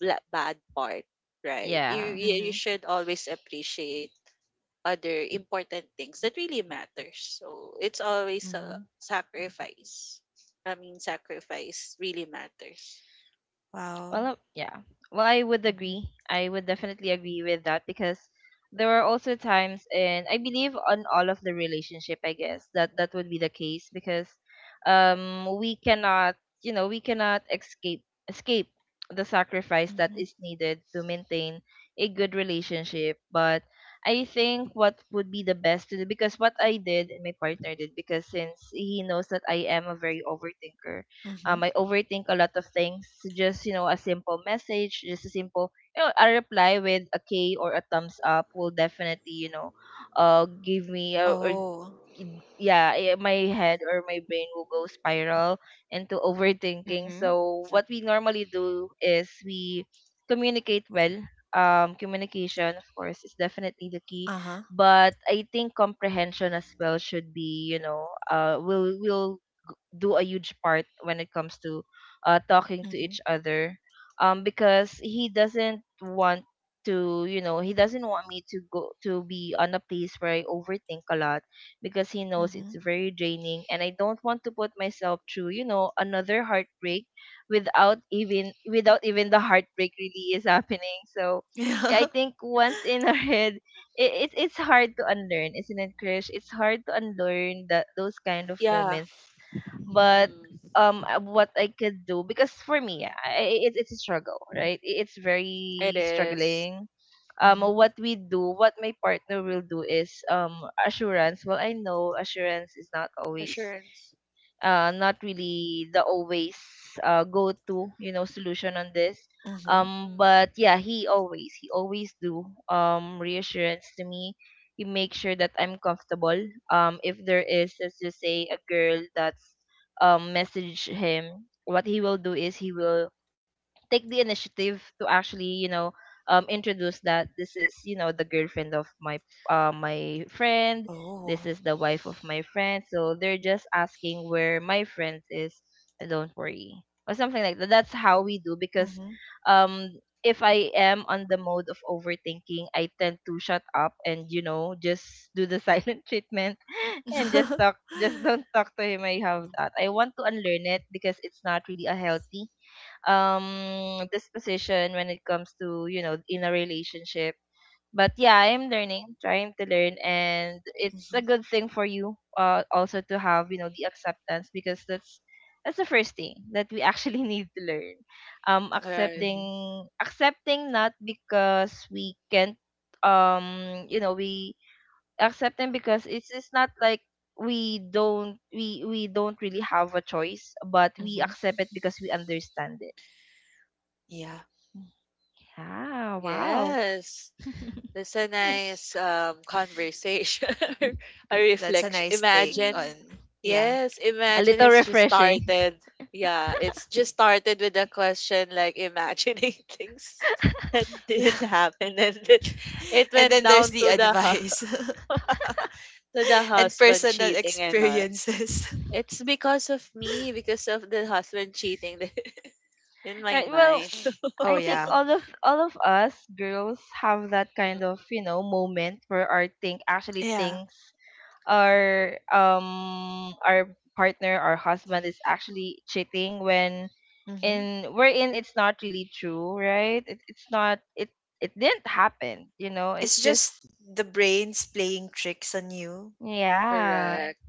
bad part, right? You Yeah. you you Mhm. should always appreciate other important things that really matters. So it's always a Mhm. sacrifice. I mean, sacrifice really matters. Well, Wow. yeah. Well, I would agree. Mhm. I would definitely agree with that, because there are also times, and I believe on all of the relationship, I guess that that would be the case, because we cannot, you know, we cannot escape the sacrifice that is Mhm. needed to maintain a good relationship. But I think what would be the best to do, because what I did and my partner did, because since he knows that I am a very overthinker, I Mhm. overthink a lot of things. Just, you know, a simple message, just a simple, you know, a reply with a K or a thumbs up will definitely, you know, give me, y- Oh. yeah, my head or my brain will go spiral into overthinking. Mhm. So what we normally do is we communicate well. Communication, of course, is definitely the key, Uh-huh. but I think comprehension as well should be, do a huge part when it comes to talking to Mhm. each other, because he doesn't want to, he doesn't want me to go to be on a place where I overthink a lot, because he knows it's Mhm. very draining, and I don't want to put myself through, another heartbreak without even the heartbreak really is happening. So yeah, I Yeah. think once in our head, it it's hard to unlearn, isn't it, Krish? It's hard to unlearn that, those kind of Yeah. moments. Mhm. But Mm. What I could do, because for me, it's a struggle, right? It's It very is. struggling. Mhm. What we do, what my partner will do is assurance. Well, I know assurance is not always, Assurance. Not really the always go-to, solution on this. Mhm. Mm. But yeah, he always do reassurance to me. He makes sure that I'm comfortable. If there is, let's just say, a girl that's message him, what he will do is he will take the initiative to actually, introduce that this is, the girlfriend of my my friend, this Oh. is the wife of my friend, so they're just asking where my friend is, and don't worry, or something like that. That's how we do, because Mhm. um if I am on the mode of overthinking, I tend to shut up and, just do the silent treatment, and Mhm. Just don't talk to him. I have that. I want to unlearn it, because it's not really a healthy disposition when it comes to, in a relationship. But yeah, I'm learning, trying to learn, and it's a Mhm. good thing for you, also, to have, the acceptance, because that's the first thing that we actually need to learn. Right. Accepting, not because we can't, you know we accepting because it's not like we don't really have a choice, but we Mhm. accept it because we understand. Yeah. Ah, wow. Yes. Mhm. That's a nice conversation. A That's a nice reflection. take Imagine. on yeah. Yes, A imagine, little it's just refreshing. started. Yeah, it's just started with a question, like imagining things that Yeah. didn't happen, and it And went then there's down the to the advice to the and husband personal cheating and all. experiences. It's because of me, because of the husband cheating in my Right. Well, mind. Oh I yeah. think all of us girls have that kind of, you know, moment where our think actually Yeah. thinks our partner, our husband, is actually cheating when, Mhm. in wherein, it's not really true, right? It's not it, it didn't happen, you know. It's It's just, just the brain's playing tricks on you. yeah, Correct. Yeah.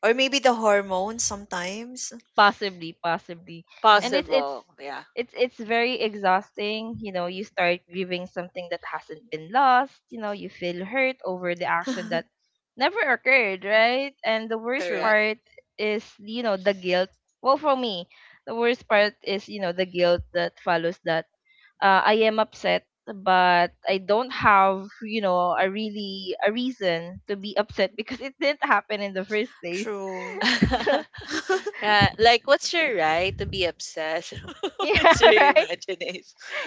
Or maybe the hormones sometimes. possibly, possibly. And Yeah. Possible. Yeah, it's very exhausting. You know, you start grieving something that hasn't been lost. You know, you feel hurt over the action that never occurred, right? And the worst correct. True. part is, you know, the guilt. Well, for me, the worst part is, you know, the guilt that follows, that I am upset but I don't have, you know, a really a reason to be upset, because it didn't happen in the first place. True. So Yeah, like what's your right to be upset? It's your yeah. Right, imagination.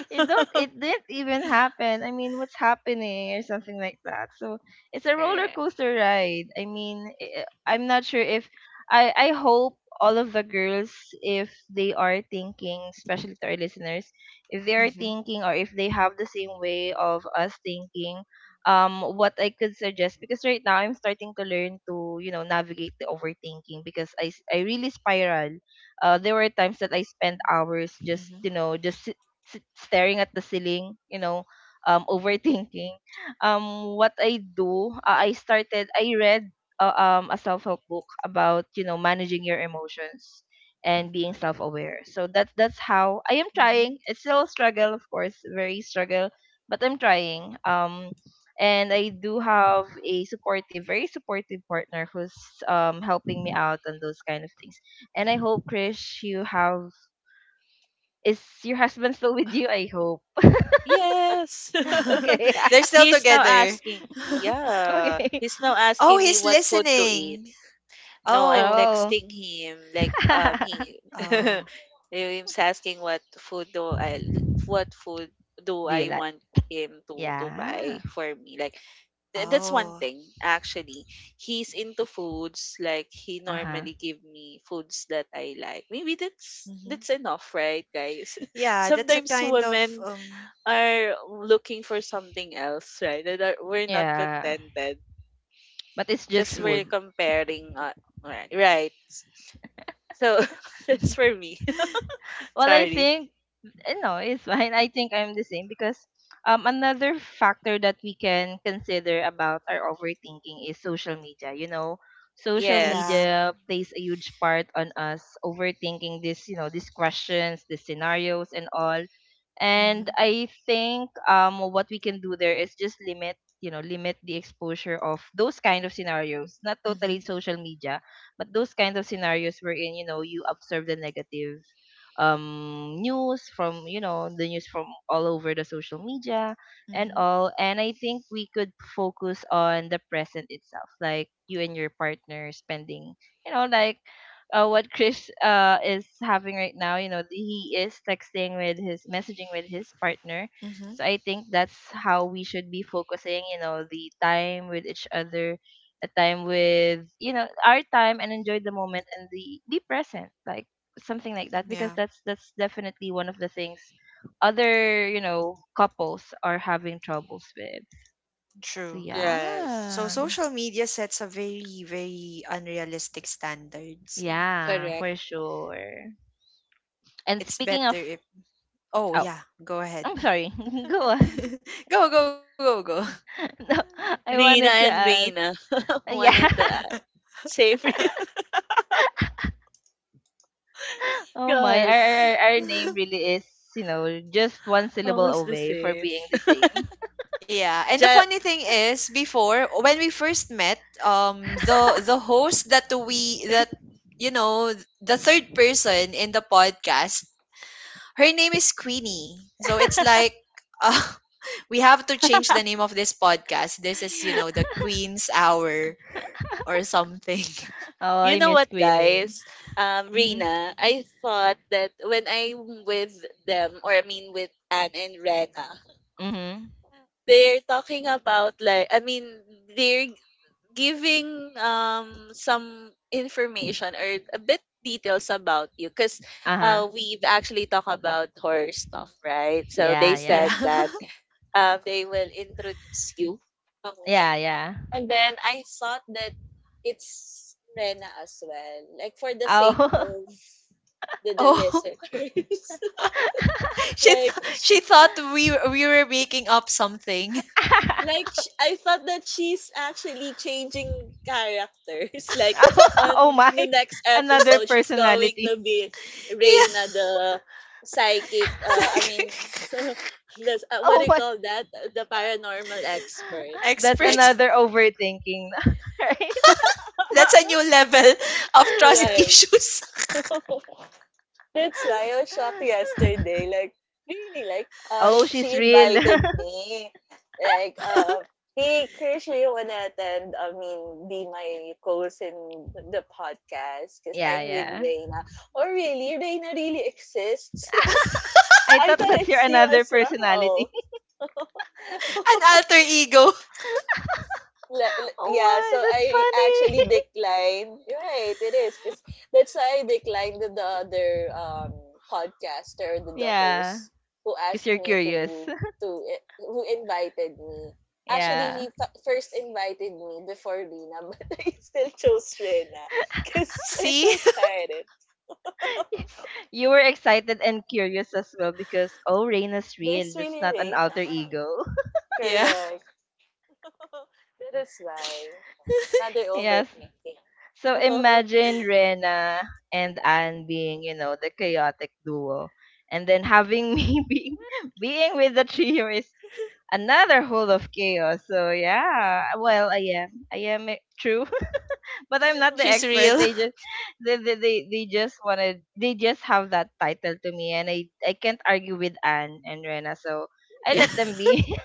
it didn't even happen. I mean, what's happening, or something like that. So it's a roller Correct. coaster ride. I mean, I'm not sure if I hope all of the girls, if they are thinking, especially to our listeners, if they are Hmm. thinking, or if they have the same way of us thinking, what I could suggest, because right now I'm starting to learn to, you know, navigate the overthinking, because I really spiral. There were times that I spent Hmm. hours just, you know, just sit staring at the ceiling, you know, overthinking. What I do, I started, I read a self help book about, you know, managing your emotions and being self aware. So that's how I am Hmm. trying. It's still a struggle, of course, very struggle, but I'm trying. And I do have a supportive, very supportive partner who's helping me out on those kind of things. And I hope, Krish, you have, is your husband still with you? I hope. Yes. Okay. They're still He's now together. asking me. Yeah. Okay. He's now Oh, asking me he's what food to eat. listening. No, I'm Oh. Oh. texting him. Like he Oh. he's asking what food do I what food do Do you I like? want him to buy Yeah. for me. Like that's one Oh. thing actually. He's into foods, like he Uh huh. normally give me foods that I like. Maybe that's Hmm. enough, right, guys? Yeah, that's a Sometimes kind of women are looking for something else, right? That are, we're not Yeah. contented But it's just because we're true. food. comparing. Right, right. So that's for me. Well, I Sorry. think, no, it's fine. I think I'm the same, because another factor that we can consider about our overthinking is social media. You know, social Yeah. Yes. media plays a huge part on us overthinking this, you know, these questions, the scenarios and all. And Mm-hmm. I think what we can do there is just limit, you know, limit the exposure of those kind of scenarios. Not totally Mm-hmm. social media, but those kind of scenarios wherein, you know, you observe the negative news from, the news from all over the social media and Mm-hmm. all. And I think we could focus on the present itself, like you and your partner spending, you know, like what Chris is having right now, you know, he is texting with, his messaging with his partner. Mm-hmm. So I think that's how we should be focusing, you know, the time with each other, a time with, you know, our time, and enjoy the moment and the be present, like something like that, because Yeah, that's definitely one of the things other, you know, couples are having troubles with. So true. yeah, Yes. So social media sets a very, very unrealistic standard. So yeah, Correct. for sure. And it's speaking of, better if oh, oh yeah, go I'm ahead. sorry. Go on. Go, go, go, go. No, I Rina wanted to and ask, Rina yeah. wanted to add. Same. Here. Oh Go my, ahead. Our name really is, you know, just one syllable Almost the away for same. being the same. Yeah, and the Ja- funny thing is, before when we first met, the host that we that you know the third person in the podcast, her name is Queenie. So it's like, uh, we have to change the name of this podcast. This is you know the Queen's Hour or something. Oh, you I know miss what, Queenie. guys? Mm-hmm. Rena, I thought that when I'm with them, or I mean with Anne and Rena, Mm-hmm. they're talking about like I mean they're g- giving some information or a bit details about you because Uh-huh. We've actually talked about horror stuff, right? So they Yeah, Yeah. said yeah. that they will introduce you to me. Yeah, yeah. And then I thought that it's Rena as well, like for the sake Oh. of the Oh, listeners. Like she she, thought we were making up something. I thought that she's actually changing characters. Like on Oh, my. the next Another episode, she's going personality. to be Yeah, Reina the psychic. it's I mean, like this, what Oh do you my. call that? The paranormal expert. That's Like expert. another overthinking, right? That's a new level of trust right. issues. That's why I was shocked yesterday. Like, really, like, Oh, she's she real. invited me. Like, An hey, Chris, you wanna attend? I mean, be my co-host in the podcast because Yeah, I'm with yeah. Reina. Oh, really? Reina really exists? I I thought thought that's your it's you another as personality. well. alter ego. Oh yeah, so my, that's I actually funny. declined. You're right, it is. Cause that's why I declined the, other um podcaster, the Yeah, host who because asked you're me curious. to who invited me. Actually, Yeah. he first invited me before Rina, but I still chose Rena because I'm See? so excited. You were excited and curious as well, because, oh, Raina's real. There's That's really not an Rena. alter ego. Yeah, Correct. That is why. Another Yes. overthinking. So Correct. imagine Rena and Anne being, you know, the chaotic duo. And then having me being being with the trio is another whole of chaos. So yeah. Well, I am. I am true. But I'm not the she's expert. real. They just wanted, they just have that title to me, and I can't argue with Anne and Rena, so I Yeah. let them be.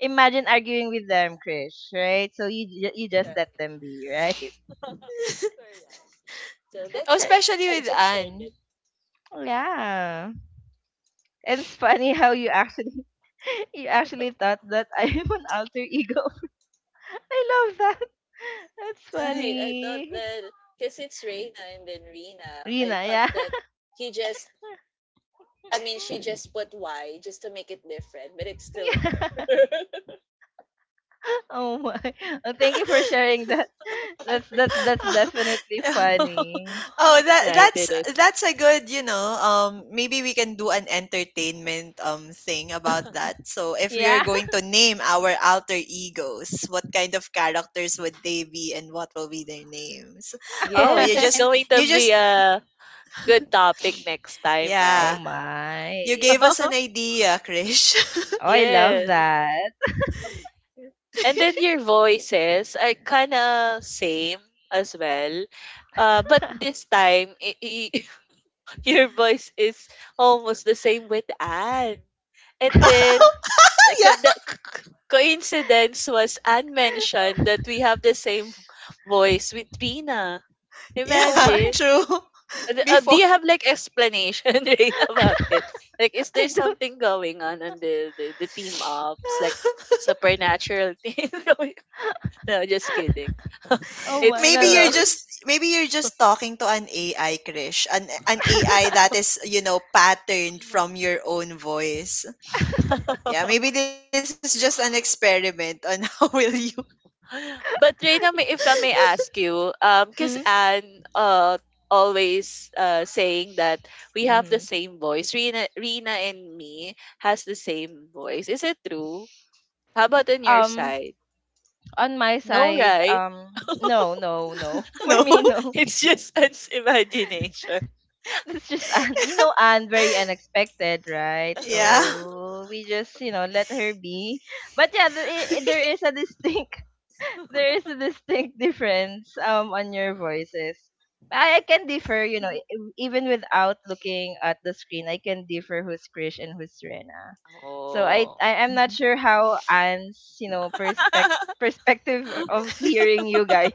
Imagine arguing with them, Krish, right? So you just let them be, right? Correct. So Oh, that's it. especially I with just shared Anne. it. Yeah. And it's funny how you actually you actually thought that I'm an alter ego. I love that. That's Right. I thought funny. that because it's Reina and then Rina, I Rina, thought yeah. that he just, I mean, she just put Y just to make it different, but it's still her. Yeah. Oh my. Well, thank you for sharing that. That's definitely funny. Oh, that Right, it is. that's a good, you know, maybe we can do an entertainment thing about that. So if we are Yeah. going to name our alter egos, what kind of characters would they be and what will be their names? Oh, Yes, it's going to you be just a good topic next time, Oh yeah, right? you gave my. us an idea, Krish. Oh, I love Yes. that. And then your voices are kind of same as well. But this time, your voice is almost the same with Anne. And Oh, then the, yeah. Coincidence was Anne mentioned that we have the same voice with Rina. Oh Yeah, my. Imagine. true. Do Before. you have like explanation Rina, about it? Like, is I there don't. something going on the team ups, like supernatural thing? No, just kidding. Oh my. it's No, uh, no. It's Maybe you're just talking to an AI, Krish. An AI that is, you know, patterned from your own voice. Yeah, maybe this is just an experiment on how will you But Reina, may if I may ask you, cause Mm-hmm. Anne always saying that we have the Mm-hmm. same voice. Rina and me has the same voice. Is it true? How about on your Um, side? on my No, side, right? No, no, no. For know. me, no. It's just Anne's imagination. That's just Anne. You know, Anne very unexpected, right? Yeah. So we just, you know, let her be. But yeah, there is a distinct, there is a distinct difference on your voices. I can differ, you know, even without looking at the screen, I can differ who's Krish and who's Rena. So Oh. Mhm. I'm not sure how Anne's, you know, perspective of hearing you guys.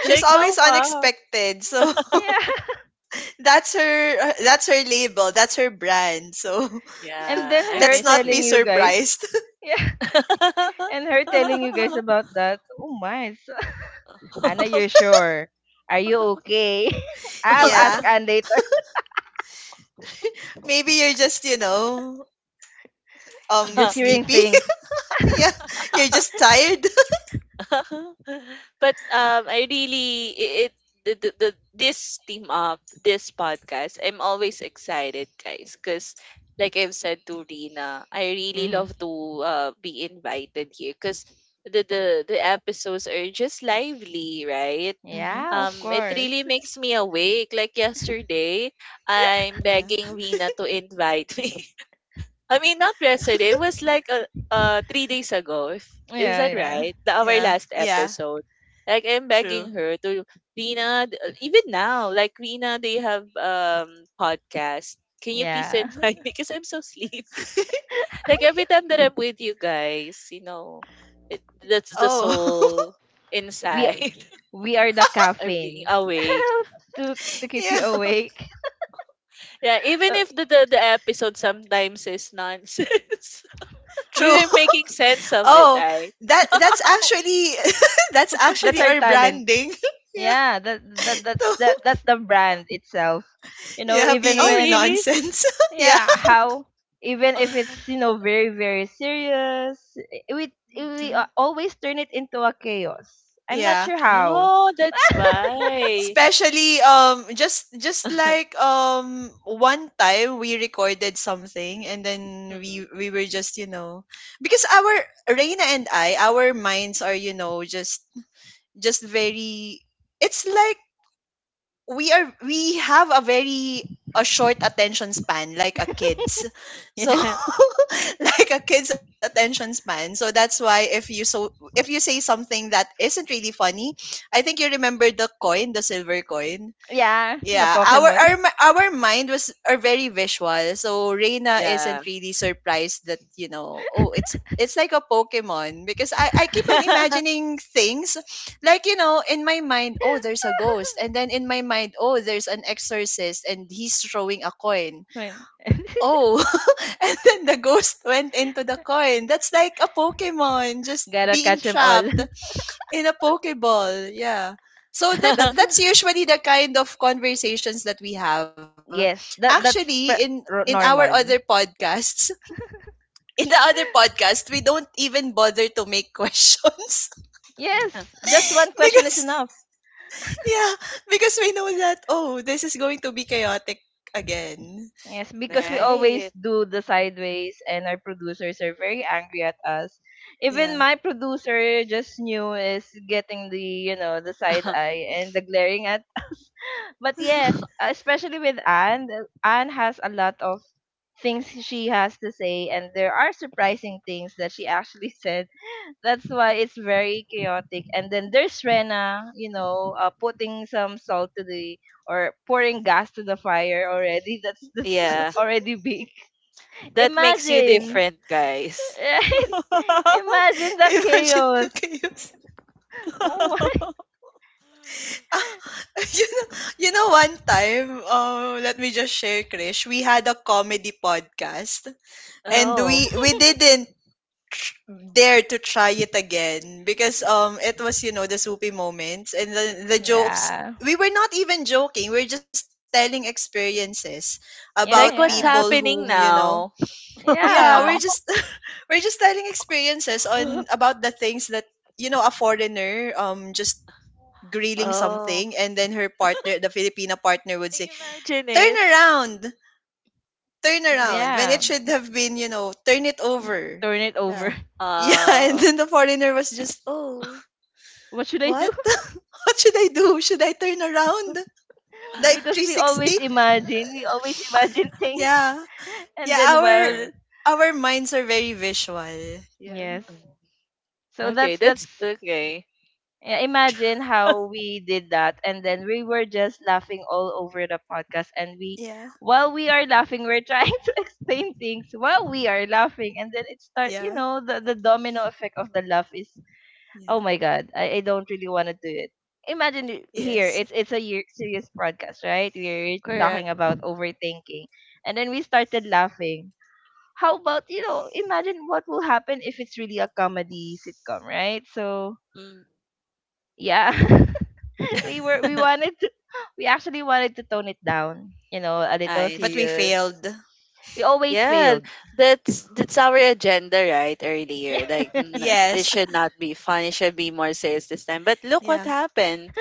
She's Like how always come? unexpected. So Yeah. that's her that's her label, that's her brand. So And Yeah, then I her let's miss not telling be him. you guys, surprised. yeah, and her telling you guys about that. Oh my. It's- Anna, you're sure? Are you okay? I'll ask Yeah. Anne later. Maybe you're just, you know, You're just hearing sleepy. things. Yeah. You're just tired. But I really it, the this team up, this podcast, I'm always excited, guys, because like I've said to Rina, I really Mm-hmm. love to be invited here because the the episodes are just lively, right? Hmm. Yeah, of It course. really makes me awake. Like yesterday I'm Yeah. begging Rina to invite me. I mean, not yesterday. It was like 3 days ago. If, is Yeah, that yeah. right? The our Yeah. last Yeah. episode. Like I'm begging True. her to Rina. Even now, like Rina, they have podcast. Can you please Yeah. invite me? Because I'm so sleepy. Like every time that I'm with you guys, you know, that's the Oh, soul We inside. Are the I'm being caffeine awake. to keep yeah, you awake. Yeah, even Uh, if the episode sometimes is nonsense, we true. were making sense of it, Oh, right? that that's actually that's that's actually our our talent. branding. Yeah. Yeah, So, that's the brand itself. You know, yeah, even Oh, being when, really? nonsense. Yeah. yeah, how, even if it's, you know, very very serious, we Mm. Always turn it into a chaos. I'm not Yeah. sure how. Oh, that's why. Especially just like one time we recorded something and then Mhm. we were just, you know, because our Reina and I, our minds are, you know, just very it's like we are we have a very a short attention span like a kid's so like a kid's attention span, so that's why if you so if you say something that isn't really funny. I think you Mhm. remember the coin, the silver coin. Yeah, the Yeah, our Pokemon. Our mind was are very visual, so Reina Yeah. isn't really surprised that you know, oh, it's like a Pokemon because I keep on imagining things, like you know, in my mind, oh, there's a ghost, and then in my mind, oh, there's an exorcist, and he's throwing a coin. When- Oh, and then the ghost went into the coin. That's like a Pokemon just gotta being catch them all. trapped in a pokeball. Yeah, so That's, that's usually the kind of conversations that we have, yes, that actually. that's in pre- in our ro- other normal. podcasts in the other podcast we don't even bother to make questions, Yes, just one question is because enough. yeah, because we know that oh, this is going to be chaotic again. Yes, because we Yeah. always Right. do the sideways, and our producers are very angry at us. Even Yeah. my producer just knew is getting the, you know, the side eye and the glaring at. But yes, especially with Anne, Anne has a lot of things she has to say, and there are surprising things that she actually said. That's why it's very chaotic. And then there's Rena, you know, putting some salt to the, or pouring gas to the fire already. That's Yeah. already big. That makes you Imagine, different, guys. right? Imagine the Imagine the chaos. chaos. Oh my. Ah, you know, you know one time, let me just share, Krish, we had a comedy podcast and Oh, we didn't dare to try it again because it was you know the soupy moments and the jokes. Yeah. We were not even joking, we're just telling experiences about Yeah, like what's people yeah. whom you happening know. now? Yeah, we're Yeah. just we're just telling experiences on about the things that you know a foreigner just grilling Oh, something, and then her partner, the filipina partner, would say imagine turn it. around, turn Mm. around, when it Yeah. should have been, you know, turn it over. Turn it Yeah. over. Yeah, and Oh. then the foreigner was just, oh, What should I do? what? What should I do? Should I turn around? Like Because 360? We always imagine things. Yeah. And Yeah, then, Uh, well, our minds are very visual. Yeah. yes. um, So okay, that's that's, okay. yeah, imagine how we did that, and then we were just laughing all over the podcast, and we, Yeah. while we are laughing, we're trying to explain things while we are laughing, and then it start, you Yeah. know, the domino effect of the laugh is, Yeah. oh my god, I don't really want to do it. Imagine it, here, Yes. it's a year, serious podcast, right? We're Correct. talking about overthinking, and then we started laughing. How about, you know, imagine what will happen if it's really a comedy sitcom, right? So Mm. yeah. We wanted to we actually wanted to tone it down, you know, a little I But we see. serious. failed. We always Yeah, failed. That's our agenda, right? Earlier, like it Yes. should not be fun. It should be more serious this time. But look what Yeah. happened.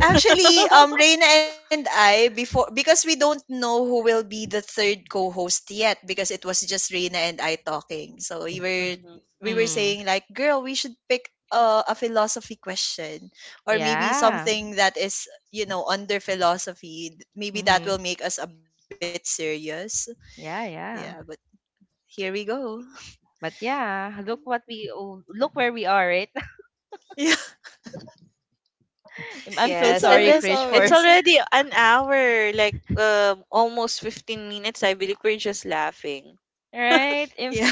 Actually, Reina and I before because we don't know who will be the third co-host yet, because it was just Reina and I talking. So Mhm. we were Mm, saying like, girl, we should pick a philosophy question or maybe yeah. something that is you know under philosophy. Maybe that Mm-hmm. will make us a bit serious. Yeah, Yeah, but yeah. here we go. But yeah, look what we, oh, look where we are, right? Yeah, I'm so it's Yes, and sorry, then always Krish, it's for, always already an hour, like almost 15 minutes. I believe we're just laughing. right. yeah. Im-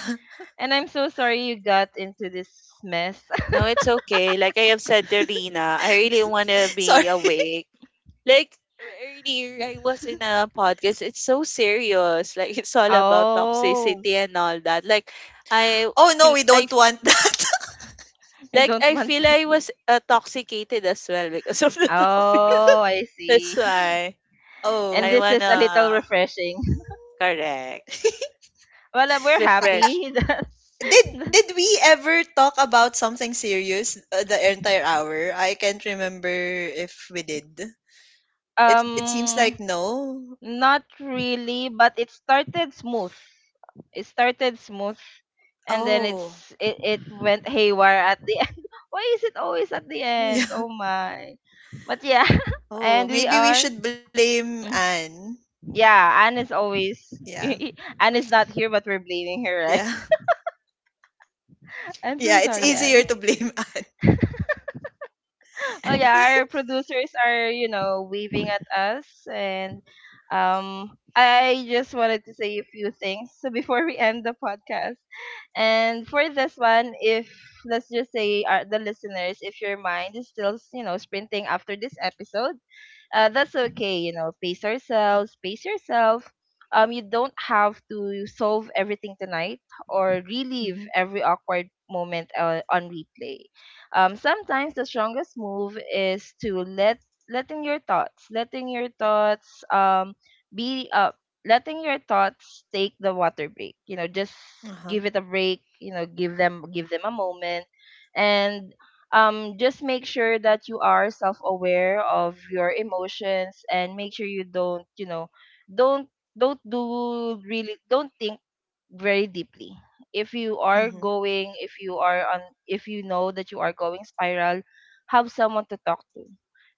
And I'm so sorry you got into this mess. No, it's okay. Like I have said to Rina, I really Sorry. want to be awake. Like earlier, I was in a podcast. It's so serious. Like it's all about Oh, toxicity and all that. Like I, Oh no, feel- we I don't f- want that. I like don't I want feel that. I was intoxicated as well because of the topic. Oh, I That's see. why And I Oh. this is a little wanna refreshing. correct, Well, we're refresh. happy that, Did we ever talk about something serious the entire hour? I can't remember if we did. It seems Um, like no. not really, but it started smooth. It started smooth, and then Oh. it's, it went haywire at the end. Why is it always at the end? Oh Yeah. my! But yeah, and we Oh, are. maybe we should blame Mm. Anne. Yeah, Anne is always. Yeah. Anne is not here, but we're blaming her, Yeah. right? I'm Yeah, so it's All sorry, easier Anne. to right. blame Anne. Oh yeah, our producers are, you know, waving at us, and I just wanted to say a few things so before we end the podcast. And for this one, if, let's just say, the listeners, if your mind is still, you know, sprinting after this episode, that's okay. You know, pace ourselves, pace yourself. You don't have to solve everything tonight or relive Mm-hmm. every awkward moment on replay. Sometimes the strongest move is to letting your thoughts, letting your thoughts, letting your thoughts take the water break. You know, just give it a Uh-huh. break. You know, give them a moment, and just make sure that you are self-aware of your emotions, and make sure you don't, you know, don't don't do really don't think very deeply, if you are Mm-hmm. going, if you know that you are going spiral, have someone to talk to,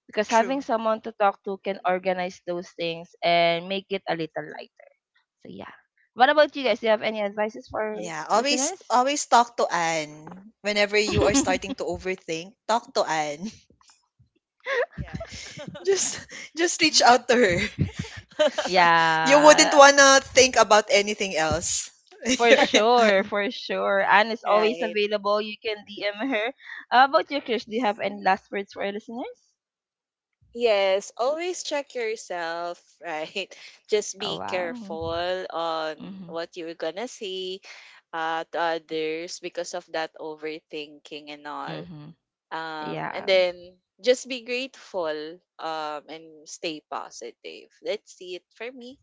because having True. someone to talk to can organize those things and make it a little lighter. So yeah, what about you guys, do you have any advices Yeah, for always listeners? always talk to Anne. Whenever you are starting to overthink, talk to Anne. Yeah. Just just reach out to her. You Yeah, wouldn't wanna think about anything else. for You're in sure, an for sure. Anne is always Right. available. You can DM her. How about you, Krish? Do you have any last words for our listeners? Yes, always check yourself, right? Just Oh, be wow. careful on Mm-hmm. what you're gonna say to others because of that overthinking and all. Mm-hmm. And Yeah. then just be grateful, and stay positive. That's it for me.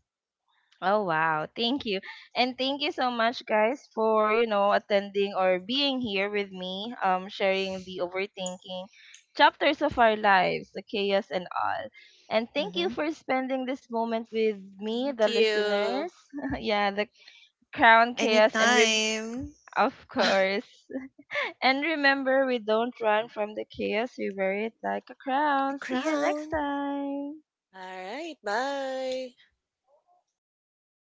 Oh, wow. Thank you. And thank you so much, guys, for, you know, attending or being here with me, sharing the overthinking chapters of our lives, the chaos and all. And thank Mhm. you for spending this moment with me, Thank the you. listeners. Yeah, the crown chaos and, Anytime. of course. And remember, we don't run from the chaos, we wear it like a crown. The See you next crown. time. All right, bye. Bye.